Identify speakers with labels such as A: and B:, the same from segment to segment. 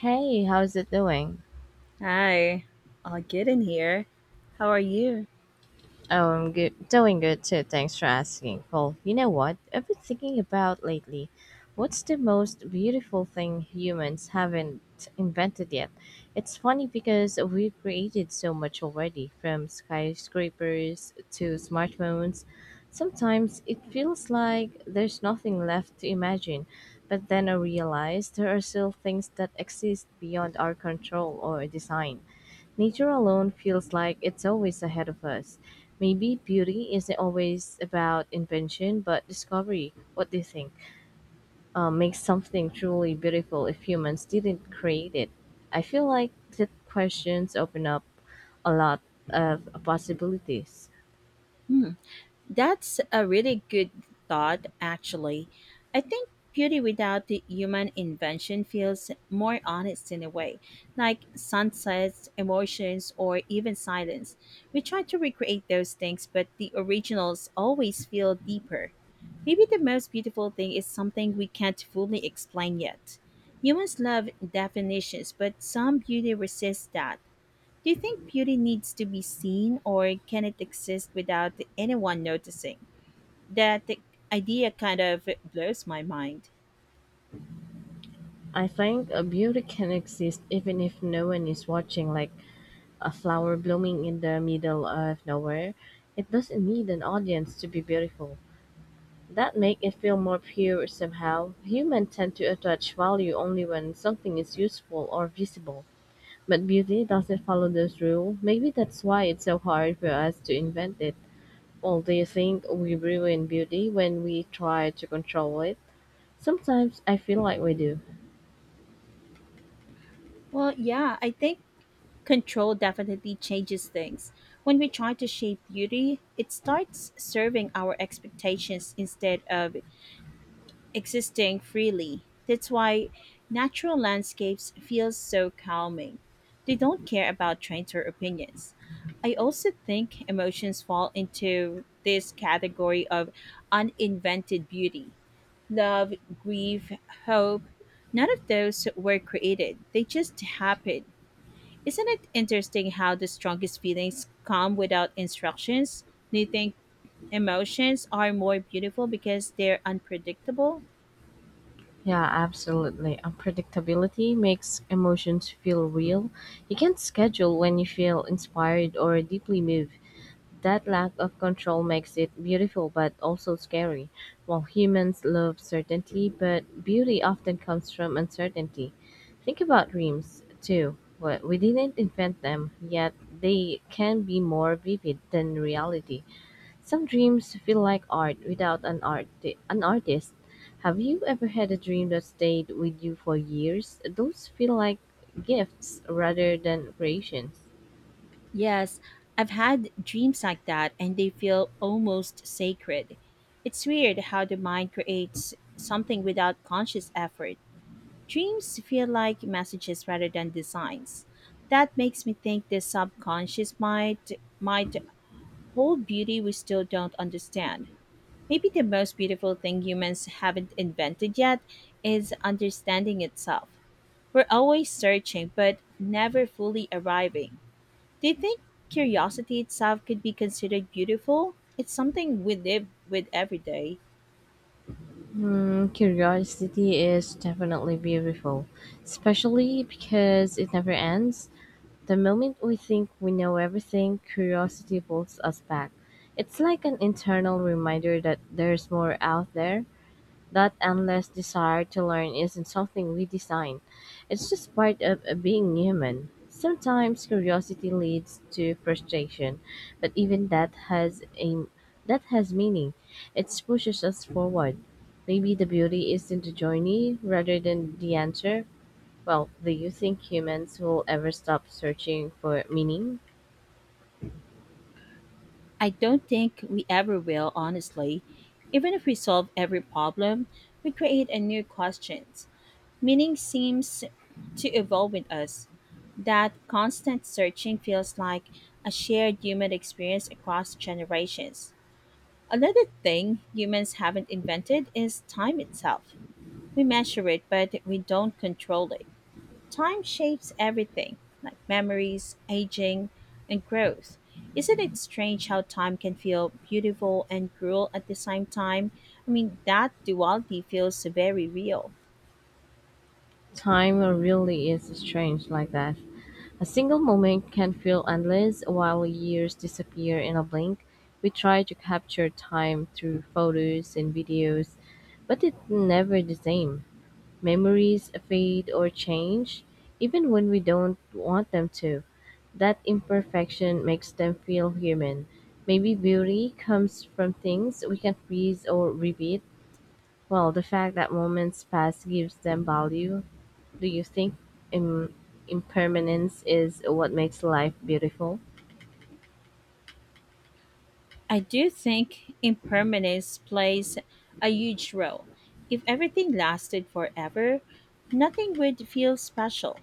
A: Hey, how's it doing?
B: Hi, I'll get in here. How are you?
A: Oh, I'm good. Doing good too. Thanks for asking. Well, you know what? I've been thinking about lately. What's the most beautiful thing humans haven't invented yet? It's funny because we've created so much already, from skyscrapers to smartphones. Sometimes it feels like there's nothing left to imagine, but then I realize there are still things that exist beyond our control or design. Nature alone feels like it's always ahead of us. Maybe beauty isn't always about invention, but discovery. What do you think? Makes something truly beautiful if humans didn't create it. I feel like that questions open up a lot of possibilities.
B: Hmm, that's a really good thought, actually. I think beauty without the human invention feels more honest in a way, like sunsets, emotions, or even silence. We try to recreate those things, but the originals always feel deeper. Maybe the most beautiful thing is something we can't fully explain yet. Humans love definitions, but some beauty resists that. Do you think beauty needs to be seen or can it exist without anyone noticing? That the idea kind of blows my mind.
A: I think a beauty can exist even if no one is watching, like a flower blooming in the middle of nowhere. It doesn't need an audience to be beautiful. That makes it feel more pure somehow. Humans tend to attach value only when something is useful or visible. But beauty doesn't follow this rule. Maybe that's why it's so hard for us to invent it. Well, do you think we ruin beauty when we try to control it? Sometimes I feel like we do.
B: Well, yeah, I think control definitely changes things. When we try to shape beauty, it starts serving our expectations instead of existing freely. That's why natural landscapes feel so calming. They don't care about trends or opinions. I also think emotions fall into this category of uninvented beauty. Love, grief, hope, none of those were created. They just happened. Isn't it interesting how the strongest feelings come without instructions? Do you think emotions are more beautiful because they're unpredictable?
A: Yeah, absolutely. Unpredictability makes emotions feel real. You can't schedule when you feel inspired or deeply moved. That lack of control makes it beautiful but also scary. While humans love certainty, but beauty often comes from uncertainty. Think about dreams, too. Well, we didn't invent them, yet they can be more vivid than reality. Some dreams feel like art without an artist. Have you ever had a dream that stayed with you for years? Those feel like gifts rather than creations.
B: Yes, I've had dreams like that and they feel almost sacred. It's weird how the mind creates something without conscious effort. Dreams feel like messages rather than designs. That makes me think the subconscious might hold beauty we still don't understand. Maybe the most beautiful thing humans haven't invented yet is understanding itself. We're always searching but never fully arriving. Do you think curiosity itself could be considered beautiful? It's something we live with every day.
A: Hmm, curiosity is definitely beautiful, especially because it never ends. The moment we think we know everything, curiosity pulls us back. It's like an internal reminder that there's more out there. That endless desire to learn isn't something we design. It's just part of being human. Sometimes curiosity leads to frustration, but even that has a that has meaning. It pushes us forward. Maybe the beauty is in the journey rather than the answer. Well, do you think humans will ever stop searching for meaning?
B: I don't think we ever will, honestly. Even if we solve every problem, we create a new questions. Meaning seems to evolve with us. That constant searching feels like a shared human experience across generations. Another thing humans haven't invented is time itself. We measure it, but we don't control it. Time shapes everything, like memories, aging, and growth. Isn't it strange how time can feel beautiful and cruel at the same time? I mean, that duality feels very real.
A: Time really is strange like that. A single moment can feel endless, while years disappear in a blink. We try to capture time through photos and videos, but it's never the same. Memories fade or change, even when we don't want them to. That imperfection makes them feel human. Maybe beauty comes from things we can freeze or repeat. Well, the fact that moments pass gives them value. Do you think im- impermanence is what makes life beautiful?
B: I do think impermanence plays a huge role. If everything lasted forever, nothing would feel special.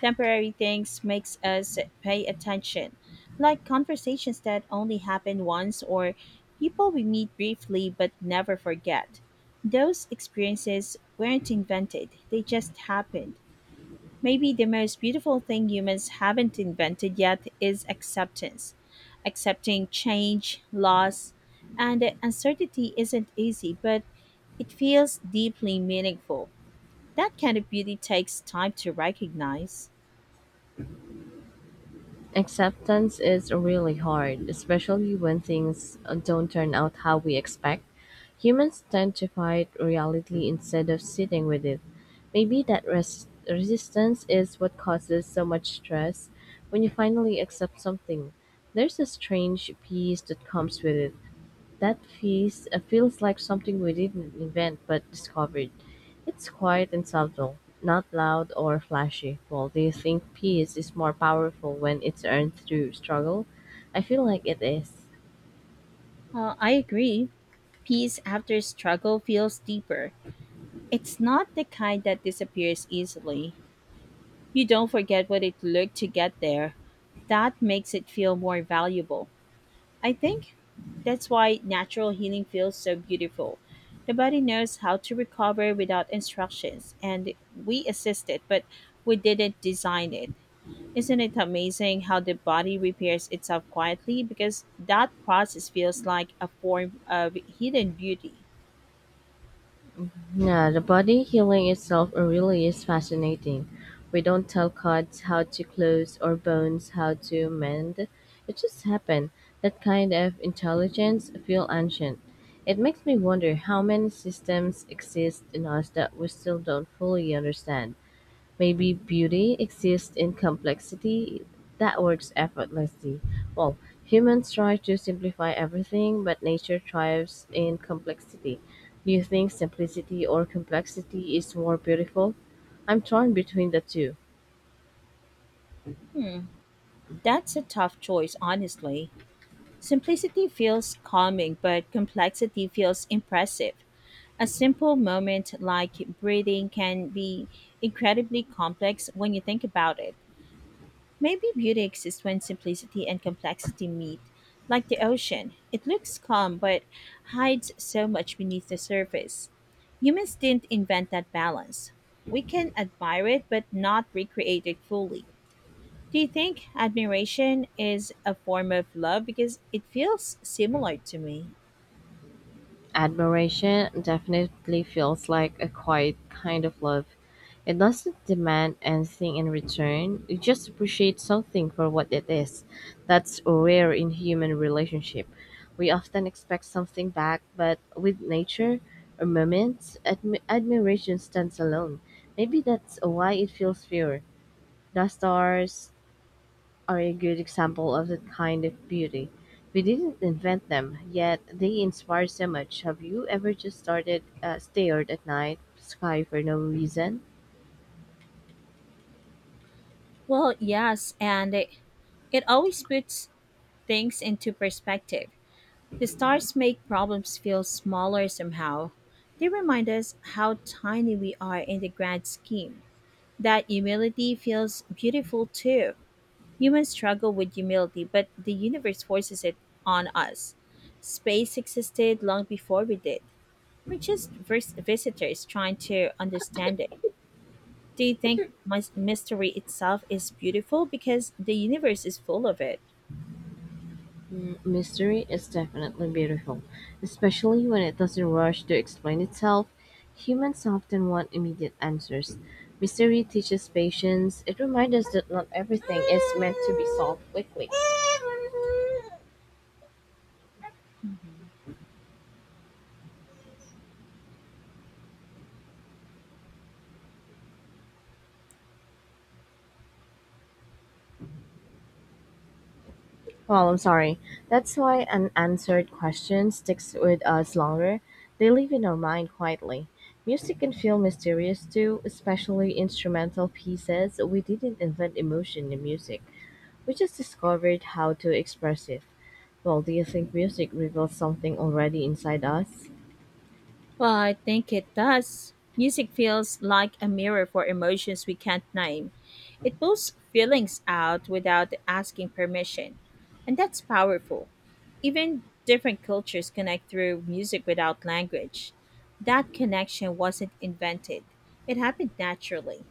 B: Temporary things makes us pay attention, like conversations that only happen once or people we meet briefly but never forget. Those experiences weren't invented, they just happened. Maybe the most beautiful thing humans haven't invented yet is acceptance. Accepting change, loss, and uncertainty isn't easy, but it feels deeply meaningful. That kind of beauty takes time to recognize.
A: Acceptance is really hard, especially when things don't turn out how we expect. Humans tend to fight reality instead of sitting with it. Maybe that resistance is what causes so much stress when you finally accept something. There's a strange peace that comes with it. That feels like something we didn't invent but discovered. It's quiet and subtle, not loud or flashy. Well, do you think peace is more powerful when it's earned through struggle? I feel like it is.
B: I agree. Peace after struggle feels deeper. It's not the kind that disappears easily. You don't forget what it took to get there. That makes it feel more valuable. I think that's why natural healing feels so beautiful. The body knows how to recover without instructions, and we assist it, but we didn't design it. Isn't it amazing how the body repairs itself quietly? Because that process feels like a form of hidden beauty.
A: Yeah, the body healing itself really is fascinating. We don't tell cuts how to close or bones how to mend. It just happened. That kind of intelligence feel ancient. It makes me wonder how many systems exist in us that we still don't fully understand. Maybe beauty exists in complexity that works effortlessly. Well, humans try to simplify everything, but nature thrives in complexity. Do you think simplicity or complexity is more beautiful? I'm torn between the two.
B: That's a tough choice, honestly. Simplicity feels calming, but complexity feels impressive. A simple moment like breathing can be incredibly complex when you think about it. Maybe beauty exists when simplicity and complexity meet. Like the ocean, it looks calm but hides so much beneath the surface. Humans didn't invent that balance. We can admire it but not recreate it fully. Do you think admiration is a form of love? Because it feels similar to me.
A: Admiration definitely feels like a quiet kind of love. It doesn't demand anything in return, you just appreciate something for what it is. That's rare in human relationship. We often expect something back, but with nature or moments, admiration stands alone. Maybe that's why it feels pure. The stars, are a good example of that kind of beauty. We didn't invent them, yet they inspire so much. Have you ever just started stared at night sky for no reason?
B: Well, yes, and it always puts things into perspective. The stars make problems feel smaller somehow. They remind us how tiny we are in the grand scheme. That humility feels beautiful too. Humans struggle with humility, but the universe forces it on us. Space existed long before we did. We're just visitors trying to understand it. Do you think mystery itself is beautiful because the universe is full of it?
A: Mm, mystery is definitely beautiful, especially when it doesn't rush to explain itself. Humans often want immediate answers. Mystery teaches patience. It reminds us that not everything is meant to be solved quickly. Well, I'm sorry. That's why unanswered questions sticks with us longer. They live in our mind quietly. Music can feel mysterious too, especially instrumental pieces. We didn't invent emotion in music. We just discovered how to express it. Well, do you think music reveals something already inside us?
B: Well, I think it does. Music feels like a mirror for emotions we can't name. It pulls feelings out without asking permission. And that's powerful. Even different cultures connect through music without language. That connection wasn't invented, it happened naturally.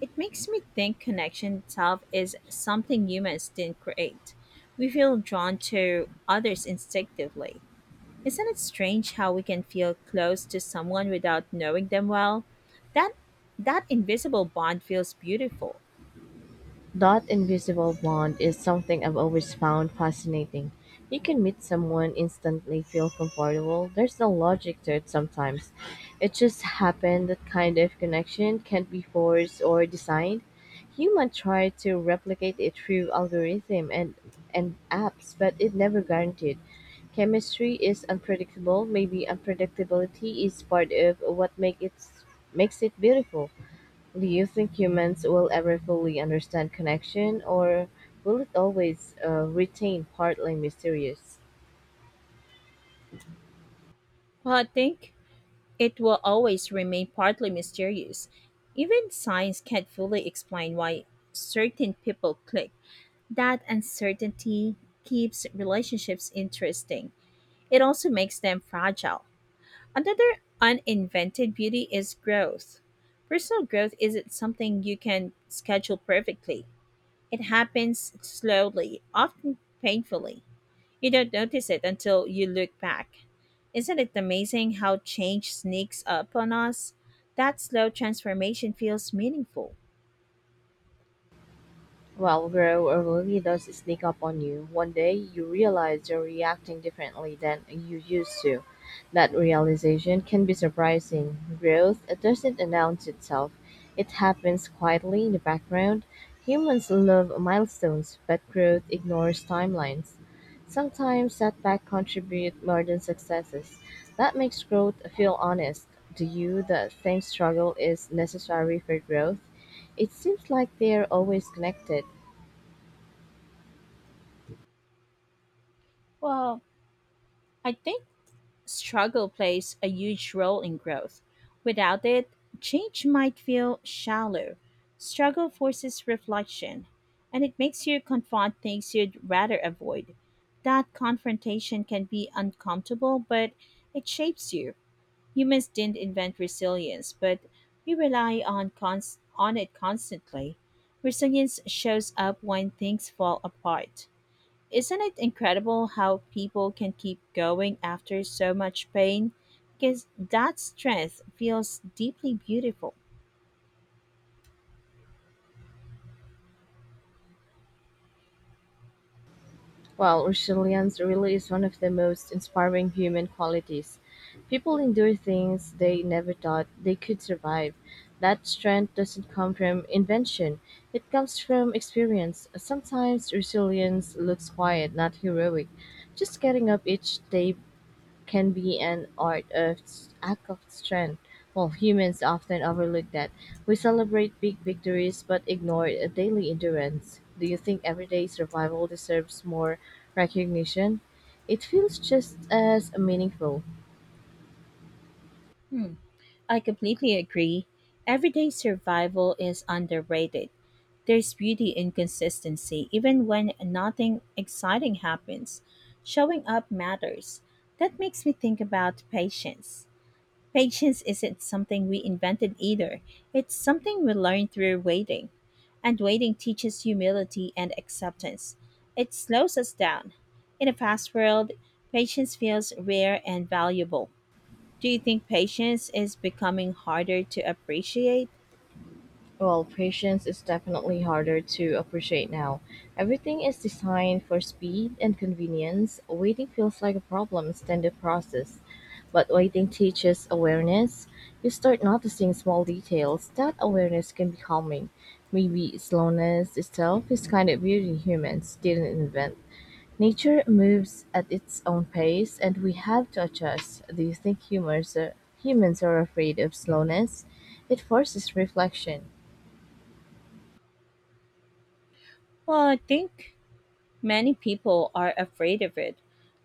B: It makes me think connection itself is something humans didn't create. We feel drawn to others instinctively. Isn't it strange how we can feel close to someone without knowing them well? That that invisible bond feels beautiful.
A: That invisible bond is something I've always found fascinating. You can meet someone, instantly feel comfortable. There's no logic to it sometimes. It just happened that kind of connection can't be forced or designed. Humans try to replicate it through algorithm and apps, but it never guaranteed. Chemistry is unpredictable. Maybe unpredictability is part of what makes it beautiful. Do you think humans will ever fully understand connection, or will it always retain partly mysterious?
B: Well, I think it will always remain partly mysterious. Even science can't fully explain why certain people click. That uncertainty keeps relationships interesting. It also makes them fragile. Another uninvented beauty is growth. Personal growth isn't something you can schedule perfectly. It happens slowly, often painfully. You don't notice it until you look back. Isn't it amazing how change sneaks up on us? That slow transformation feels meaningful.
A: Well, bro, it really does sneak up on you. One day you realize you're reacting differently than you used to. That realization can be surprising. Growth doesn't announce itself, it happens quietly in the background. Humans love milestones, but growth ignores timelines. Sometimes setbacks contribute more than successes. That makes growth feel honest. Do you that think struggle is necessary for growth? It seems like they're always connected.
B: Well, I think struggle plays a huge role in growth. Without it, change might feel shallow. Struggle forces reflection, and it makes you confront things you'd rather avoid. That confrontation can be uncomfortable, but it shapes you. Humans didn't invent resilience, but we rely on it constantly. Resilience shows up when things fall apart. Isn't it incredible how people can keep going after so much pain? Because that strength feels deeply beautiful.
A: Well, resilience really is one of the most inspiring human qualities. People endure things they never thought they could survive. That strength doesn't come from invention, it comes from experience. Sometimes resilience looks quiet, not heroic. Just getting up each day can be an art of act of strength. While humans often overlook that, we celebrate big victories but ignore a daily endurance. Do you think everyday survival deserves more recognition? It feels just as meaningful.
B: Hmm, I completely agree. Everyday survival is underrated. There's beauty in consistency, even when nothing exciting happens. Showing up matters. That makes me think about patience. Patience isn't something we invented either. It's something we learn through waiting. And waiting teaches humility and acceptance. It slows us down. In a fast world, patience feels rare and valuable. Do you think patience is becoming harder to appreciate?
A: Well, patience is definitely harder to appreciate now. Everything is designed for speed and convenience. Waiting feels like a problem than the process. But waiting teaches awareness. You start noticing small details. That awareness can be calming. Maybe slowness itself is kind of beauty humans didn't invent. Nature moves at its own pace and we have to adjust. Do you think humans are afraid of slowness? It forces reflection.
B: Well, I think many people are afraid of it.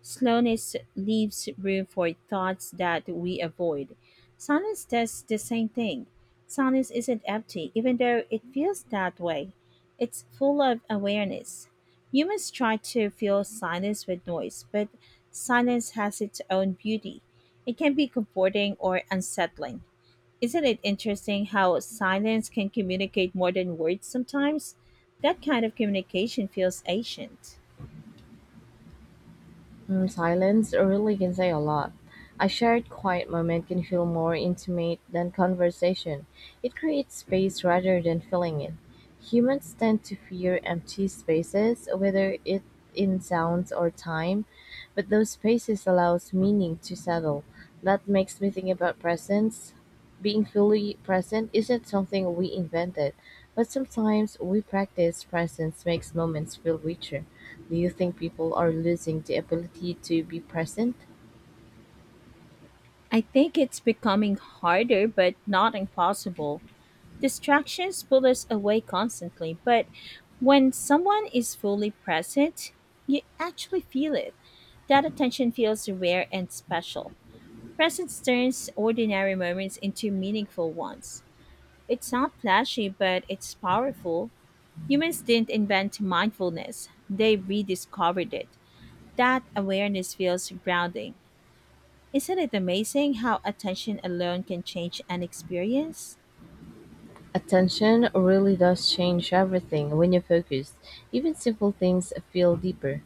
B: Slowness leaves room for thoughts that we avoid. Silence does the same thing. Silence isn't empty, even though it feels that way. It's full of awareness. Humans try to fill silence with noise, but silence has its own beauty. It can be comforting or unsettling. Isn't it interesting how silence can communicate more than words sometimes? That kind of communication feels ancient.
A: Mm, silence really can say a lot. A shared quiet moment can feel more intimate than conversation. It creates space rather than filling it. Humans tend to fear empty spaces, whether it in sounds or time, but those spaces allows meaning to settle. That makes me think about presence. Being fully present isn't something we invented, but sometimes we practice presence makes moments feel richer. Do you think people are losing the ability to be present?
B: I think it's becoming harder, but not impossible. Distractions pull us away constantly, but when someone is fully present, you actually feel it. That attention feels rare and special. Presence turns ordinary moments into meaningful ones. It's not flashy, but it's powerful. Humans didn't invent mindfulness, they rediscovered it. That awareness feels grounding. Isn't it amazing how attention alone can change an experience?
A: Attention really does change everything. When you're focused, even simple things feel deeper.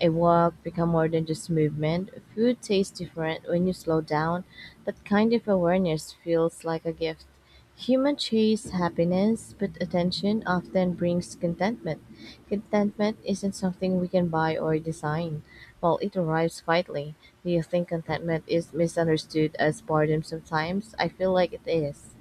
A: A walk become more than just movement. Food tastes different when you slow down. That kind of awareness feels like a gift. Human chase happiness, but attention often brings contentment. Contentment isn't something we can buy or design. While it arrives quietly, do you think contentment is misunderstood as boredom sometimes? I feel like it is.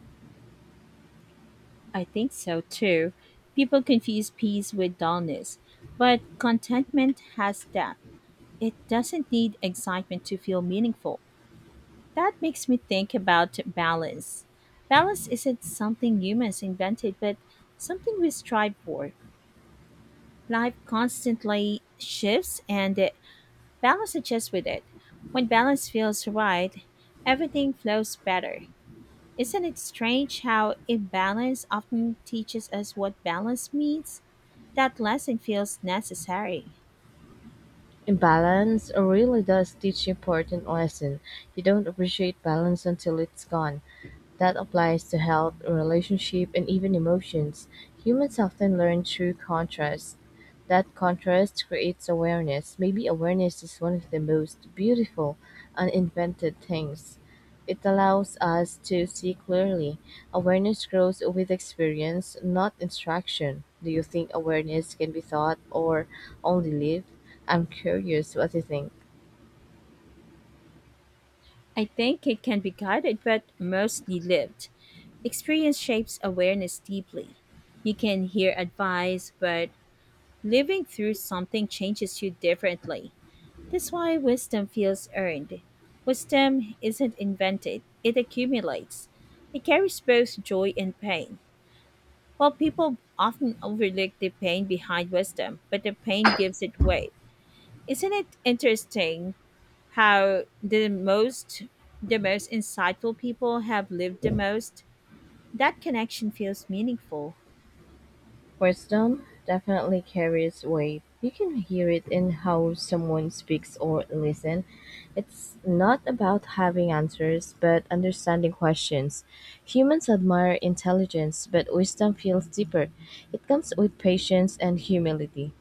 B: I think so too. People confuse peace with dullness, but contentment has depth. It doesn't need excitement to feel meaningful. That makes me think about balance. Balance isn't something humans invented, but something we strive for. Life constantly shifts, and balance adjusts with it. When balance feels right, everything flows better. Isn't it strange how imbalance often teaches us what balance means? That lesson feels necessary.
A: Balance really does teach important lesson. You don't appreciate balance until it's gone. That applies to health, relationship, and even emotions. Humans often learn through contrast. That contrast creates awareness. Maybe awareness is one of the most beautiful, uninvented things. It allows us to see clearly. Awareness grows with experience, not instruction. Do you think awareness can be taught or only lived? I'm curious what you think.
B: I think it can be guided but mostly lived. Experience shapes awareness deeply. You can hear advice, but living through something changes you differently. That's why wisdom feels earned. Wisdom isn't invented, it accumulates. It carries both joy and pain. While people often overlook the pain behind wisdom, but the pain gives it weight. Isn't it interesting how the most insightful people have lived the most? That connection feels meaningful.
A: Wisdom definitely carries weight. You can hear it in how someone speaks or listen. It's not about having answers, but understanding questions. Humans admire intelligence, but wisdom feels deeper. It comes with patience and humility.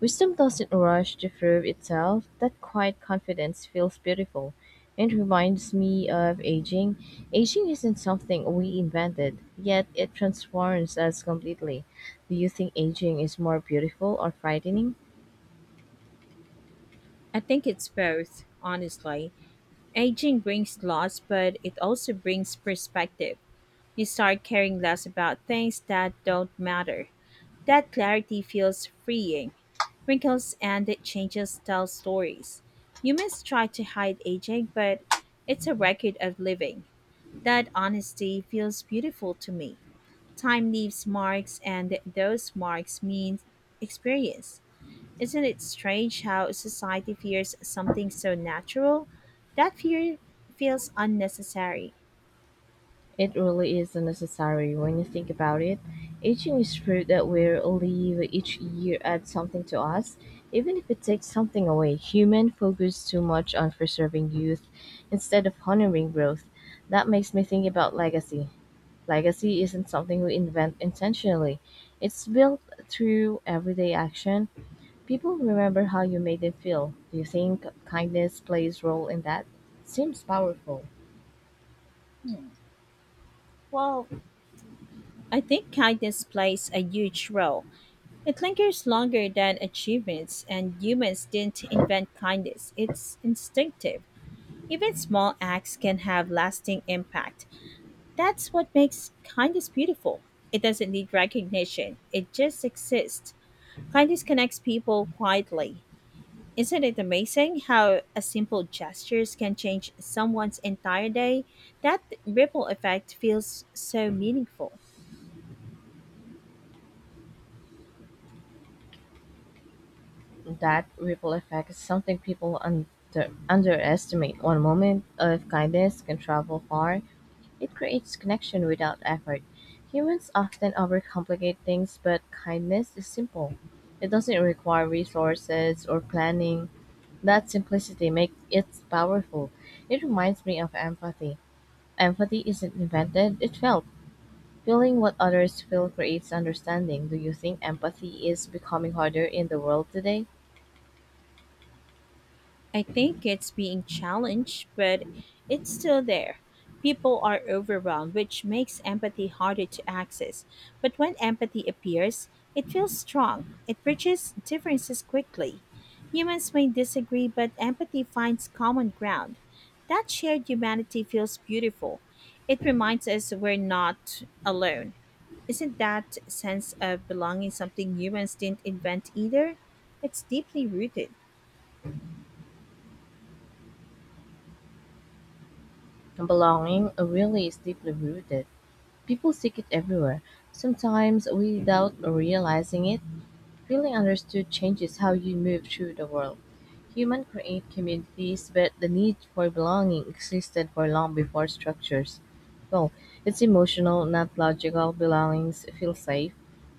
A: Wisdom doesn't rush to prove itself. That quiet confidence feels beautiful. It reminds me of aging. Aging isn't something we invented, yet it transforms us completely. Do you think aging is more beautiful or frightening?
B: I think it's both, honestly. Aging brings loss, but it also brings perspective. You start caring less about things that don't matter. That clarity feels freeing. Wrinkles and it changes tell stories. Humans try to hide aging, but it's a record of living. That honesty feels beautiful to me. Time leaves marks, and those marks mean experience. Isn't it strange how society fears something so natural? That fear feels unnecessary.
A: It really is unnecessary when you think about it. Aging is proof that we live each year adds something to us, even if it takes something away. Human focus too much on preserving youth instead of honoring growth. That makes me think about legacy. Legacy isn't something we invent intentionally. It's built through everyday action, people remember how you made them feel. Do you think kindness plays role in that? Seems powerful.
B: Well, I think kindness plays a huge role. It lingers longer than achievements, and humans didn't invent kindness. It's instinctive. Even small acts can have lasting impact. That's what makes kindness beautiful. It doesn't need recognition, it just exists. Kindness connects people quietly. Isn't it amazing how a simple gestures can change someone's entire day? That ripple effect feels so meaningful.
A: That ripple effect is something underestimate. One moment of kindness can travel far. It creates connection without effort. Humans often overcomplicate things, but kindness is simple. It doesn't require resources or planning. That simplicity makes it powerful. It reminds me of empathy. Empathy isn't invented, it felt. Feeling what others feel creates understanding. Do you think empathy is becoming harder in the world today?
B: I think it's being challenged, but it's still there. People are overwhelmed, which makes empathy harder to access. But when empathy appears, it feels strong. It bridges differences quickly. Humans may disagree, but empathy finds common ground. That shared humanity feels beautiful. It reminds us we're not alone. Isn't that sense of belonging something humans didn't invent either? It's deeply rooted.
A: Belonging really is deeply rooted. People seek it everywhere, sometimes without realizing it. Feeling understood changes how you move through the world. Humans create communities, but the need for belonging existed for long before structures. Well, it's emotional, not logical. Belongings feel safe.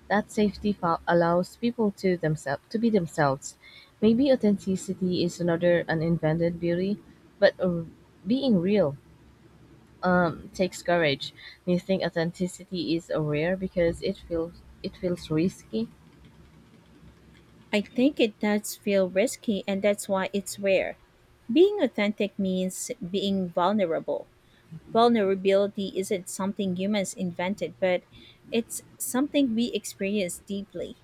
A: That allows people to themselves to be themselves. Maybe authenticity is another uninvented beauty, but being real takes courage. Do you think authenticity is rare because it feels risky?
B: I think it does feel risky, and that's why it's rare. Being authentic means being vulnerable. Vulnerability isn't something humans invented, but it's something we experience deeply.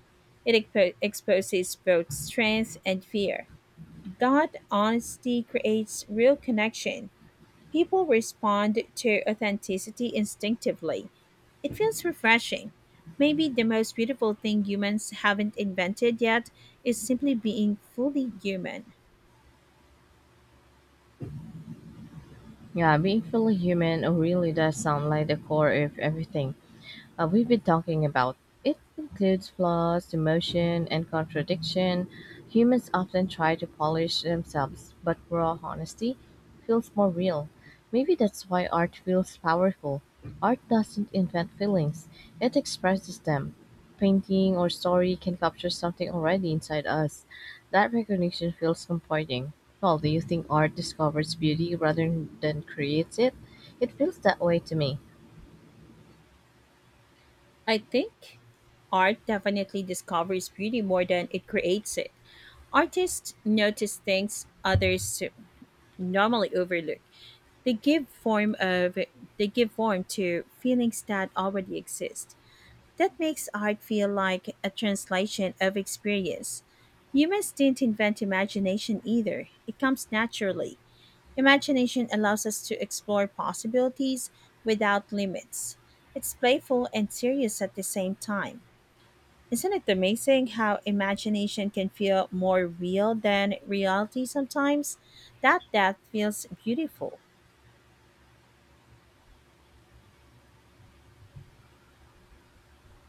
B: It exposes both strength and fear. That honesty creates real connection. People respond to authenticity instinctively. It feels refreshing. Maybe the most beautiful thing humans haven't invented yet is simply being fully human.
A: Yeah, being fully human really does sound like the core of everything we've been talking about. It includes flaws, emotion, and contradiction. Humans often try to polish themselves, but raw honesty feels more real. Maybe that's why art feels powerful. Art doesn't invent feelings, it expresses them. Painting or story can capture something already inside us. That recognition feels comforting. Well, do you think art discovers beauty rather than creates it? It feels that way to me.
B: I think art definitely discovers beauty more than it creates it. Artists notice things others normally overlook. They give form of they give form to feelings that already exist. That makes art feel like a translation of experience. Humans didn't invent imagination either, it comes naturally. Imagination allows us to explore possibilities without limits. It's playful and serious at the same time. Isn't it amazing how imagination can feel more real than reality sometimes? That depth feels beautiful.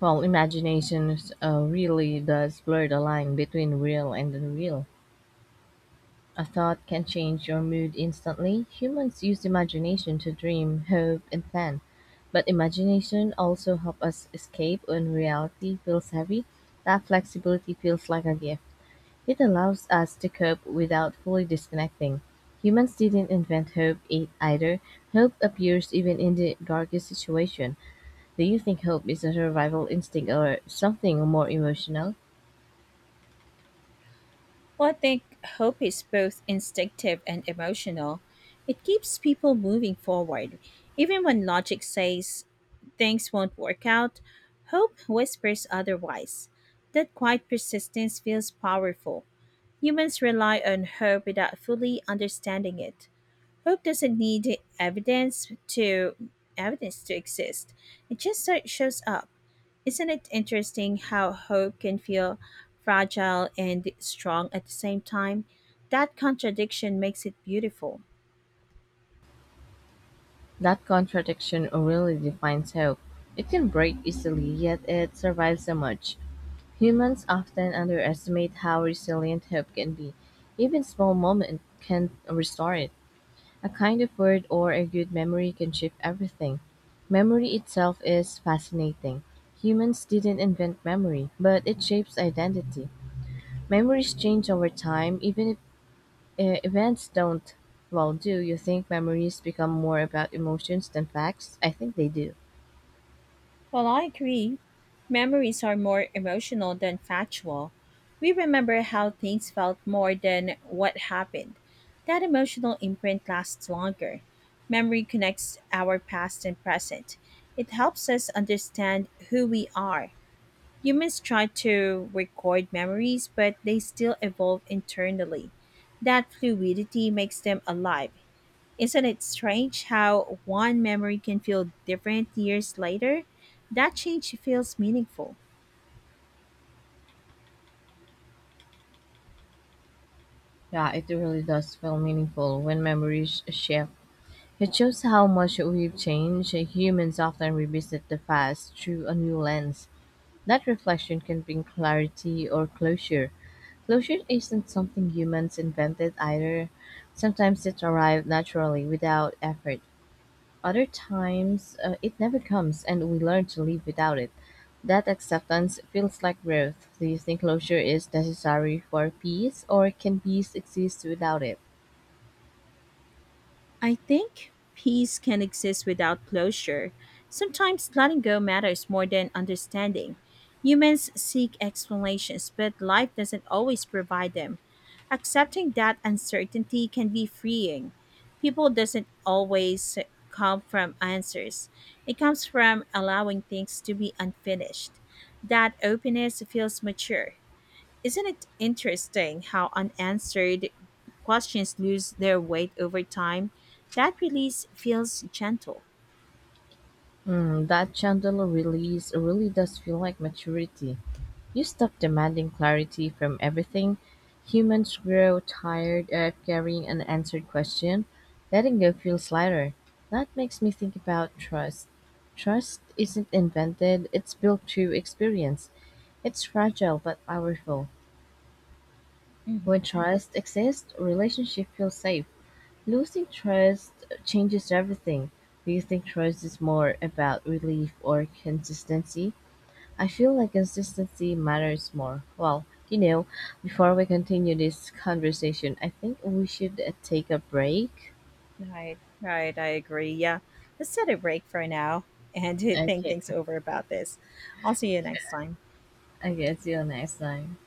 A: Well, imagination really does blur the line between real and unreal. A thought can change your mood instantly. Humans use imagination to dream, hope, and plan. But imagination also helps us escape when reality feels heavy. That flexibility feels like a gift. It allows us to cope without fully disconnecting. Humans didn't invent either. Hope appears even in the darkest situation. Do you think hope is a survival instinct or something more emotional?
B: Well, I think hope is both instinctive and emotional. It keeps people moving forward. Even when logic says things won't work out, hope whispers otherwise. That quiet persistence feels powerful. Humans rely on hope without fully understanding it. Hope doesn't need evidence to exist. It just shows up. Isn't it interesting how hope can feel fragile and strong at the same time? That contradiction makes it beautiful.
A: That contradiction really defines hope. It can break easily, yet it survives so much. Humans often underestimate how resilient hope can be. Even small moments can restore it. A kind of word or a good memory can shift everything. Memory itself is fascinating. Humans didn't invent memory, but it shapes identity. Memories change over time, even if events don't. Well, do you think memories become more about emotions than facts? I think they do.
B: Well, I agree. Memories are more emotional than factual. We remember how things felt more than what happened. That emotional imprint lasts longer. Memory connects our past and present. It helps us understand who we are. Humans try to record memories, but they still evolve internally. That fluidity makes them alive. Isn't it strange how one memory can feel different years later? That change feels meaningful.
A: Yeah, it really does feel meaningful when memories shift. It shows how much we've changed. Humans often revisit the past through a new lens. That reflection can bring clarity or closure. Closure isn't something humans invented either. Sometimes it arrives naturally without effort. Other times it never comes and we learn to live without it. That acceptance feels like growth. Do you think closure is necessary for peace or can peace exist without it?
B: I think peace can exist without closure. Sometimes letting go matters more than understanding. Humans seek explanations, but life doesn't always provide them. Accepting that uncertainty can be freeing. People doesn't always come from answers. It comes from allowing things to be unfinished. That openness feels mature. Isn't it interesting how unanswered questions lose their weight over time? That release feels gentle.
A: Hmm, that gentle release really does feel like maturity. You stop demanding clarity from everything. Humans grow tired of carrying an answered question. Letting go feels lighter. That makes me think about trust. Trust isn't invented, it's built through experience. It's fragile but powerful; when
B: Hmm.
A: trust exists, relationship feels safe. Losing trust changes everything. Do you think trust is more about relief or consistency? I feel like consistency matters more. Well, you know, before we continue this conversation, I think we should take a break.
B: Right, right. I agree. Yeah, let's set a break for now and think
A: Okay,
B: things over about this. I'll see you next time.
A: I guess see you next time.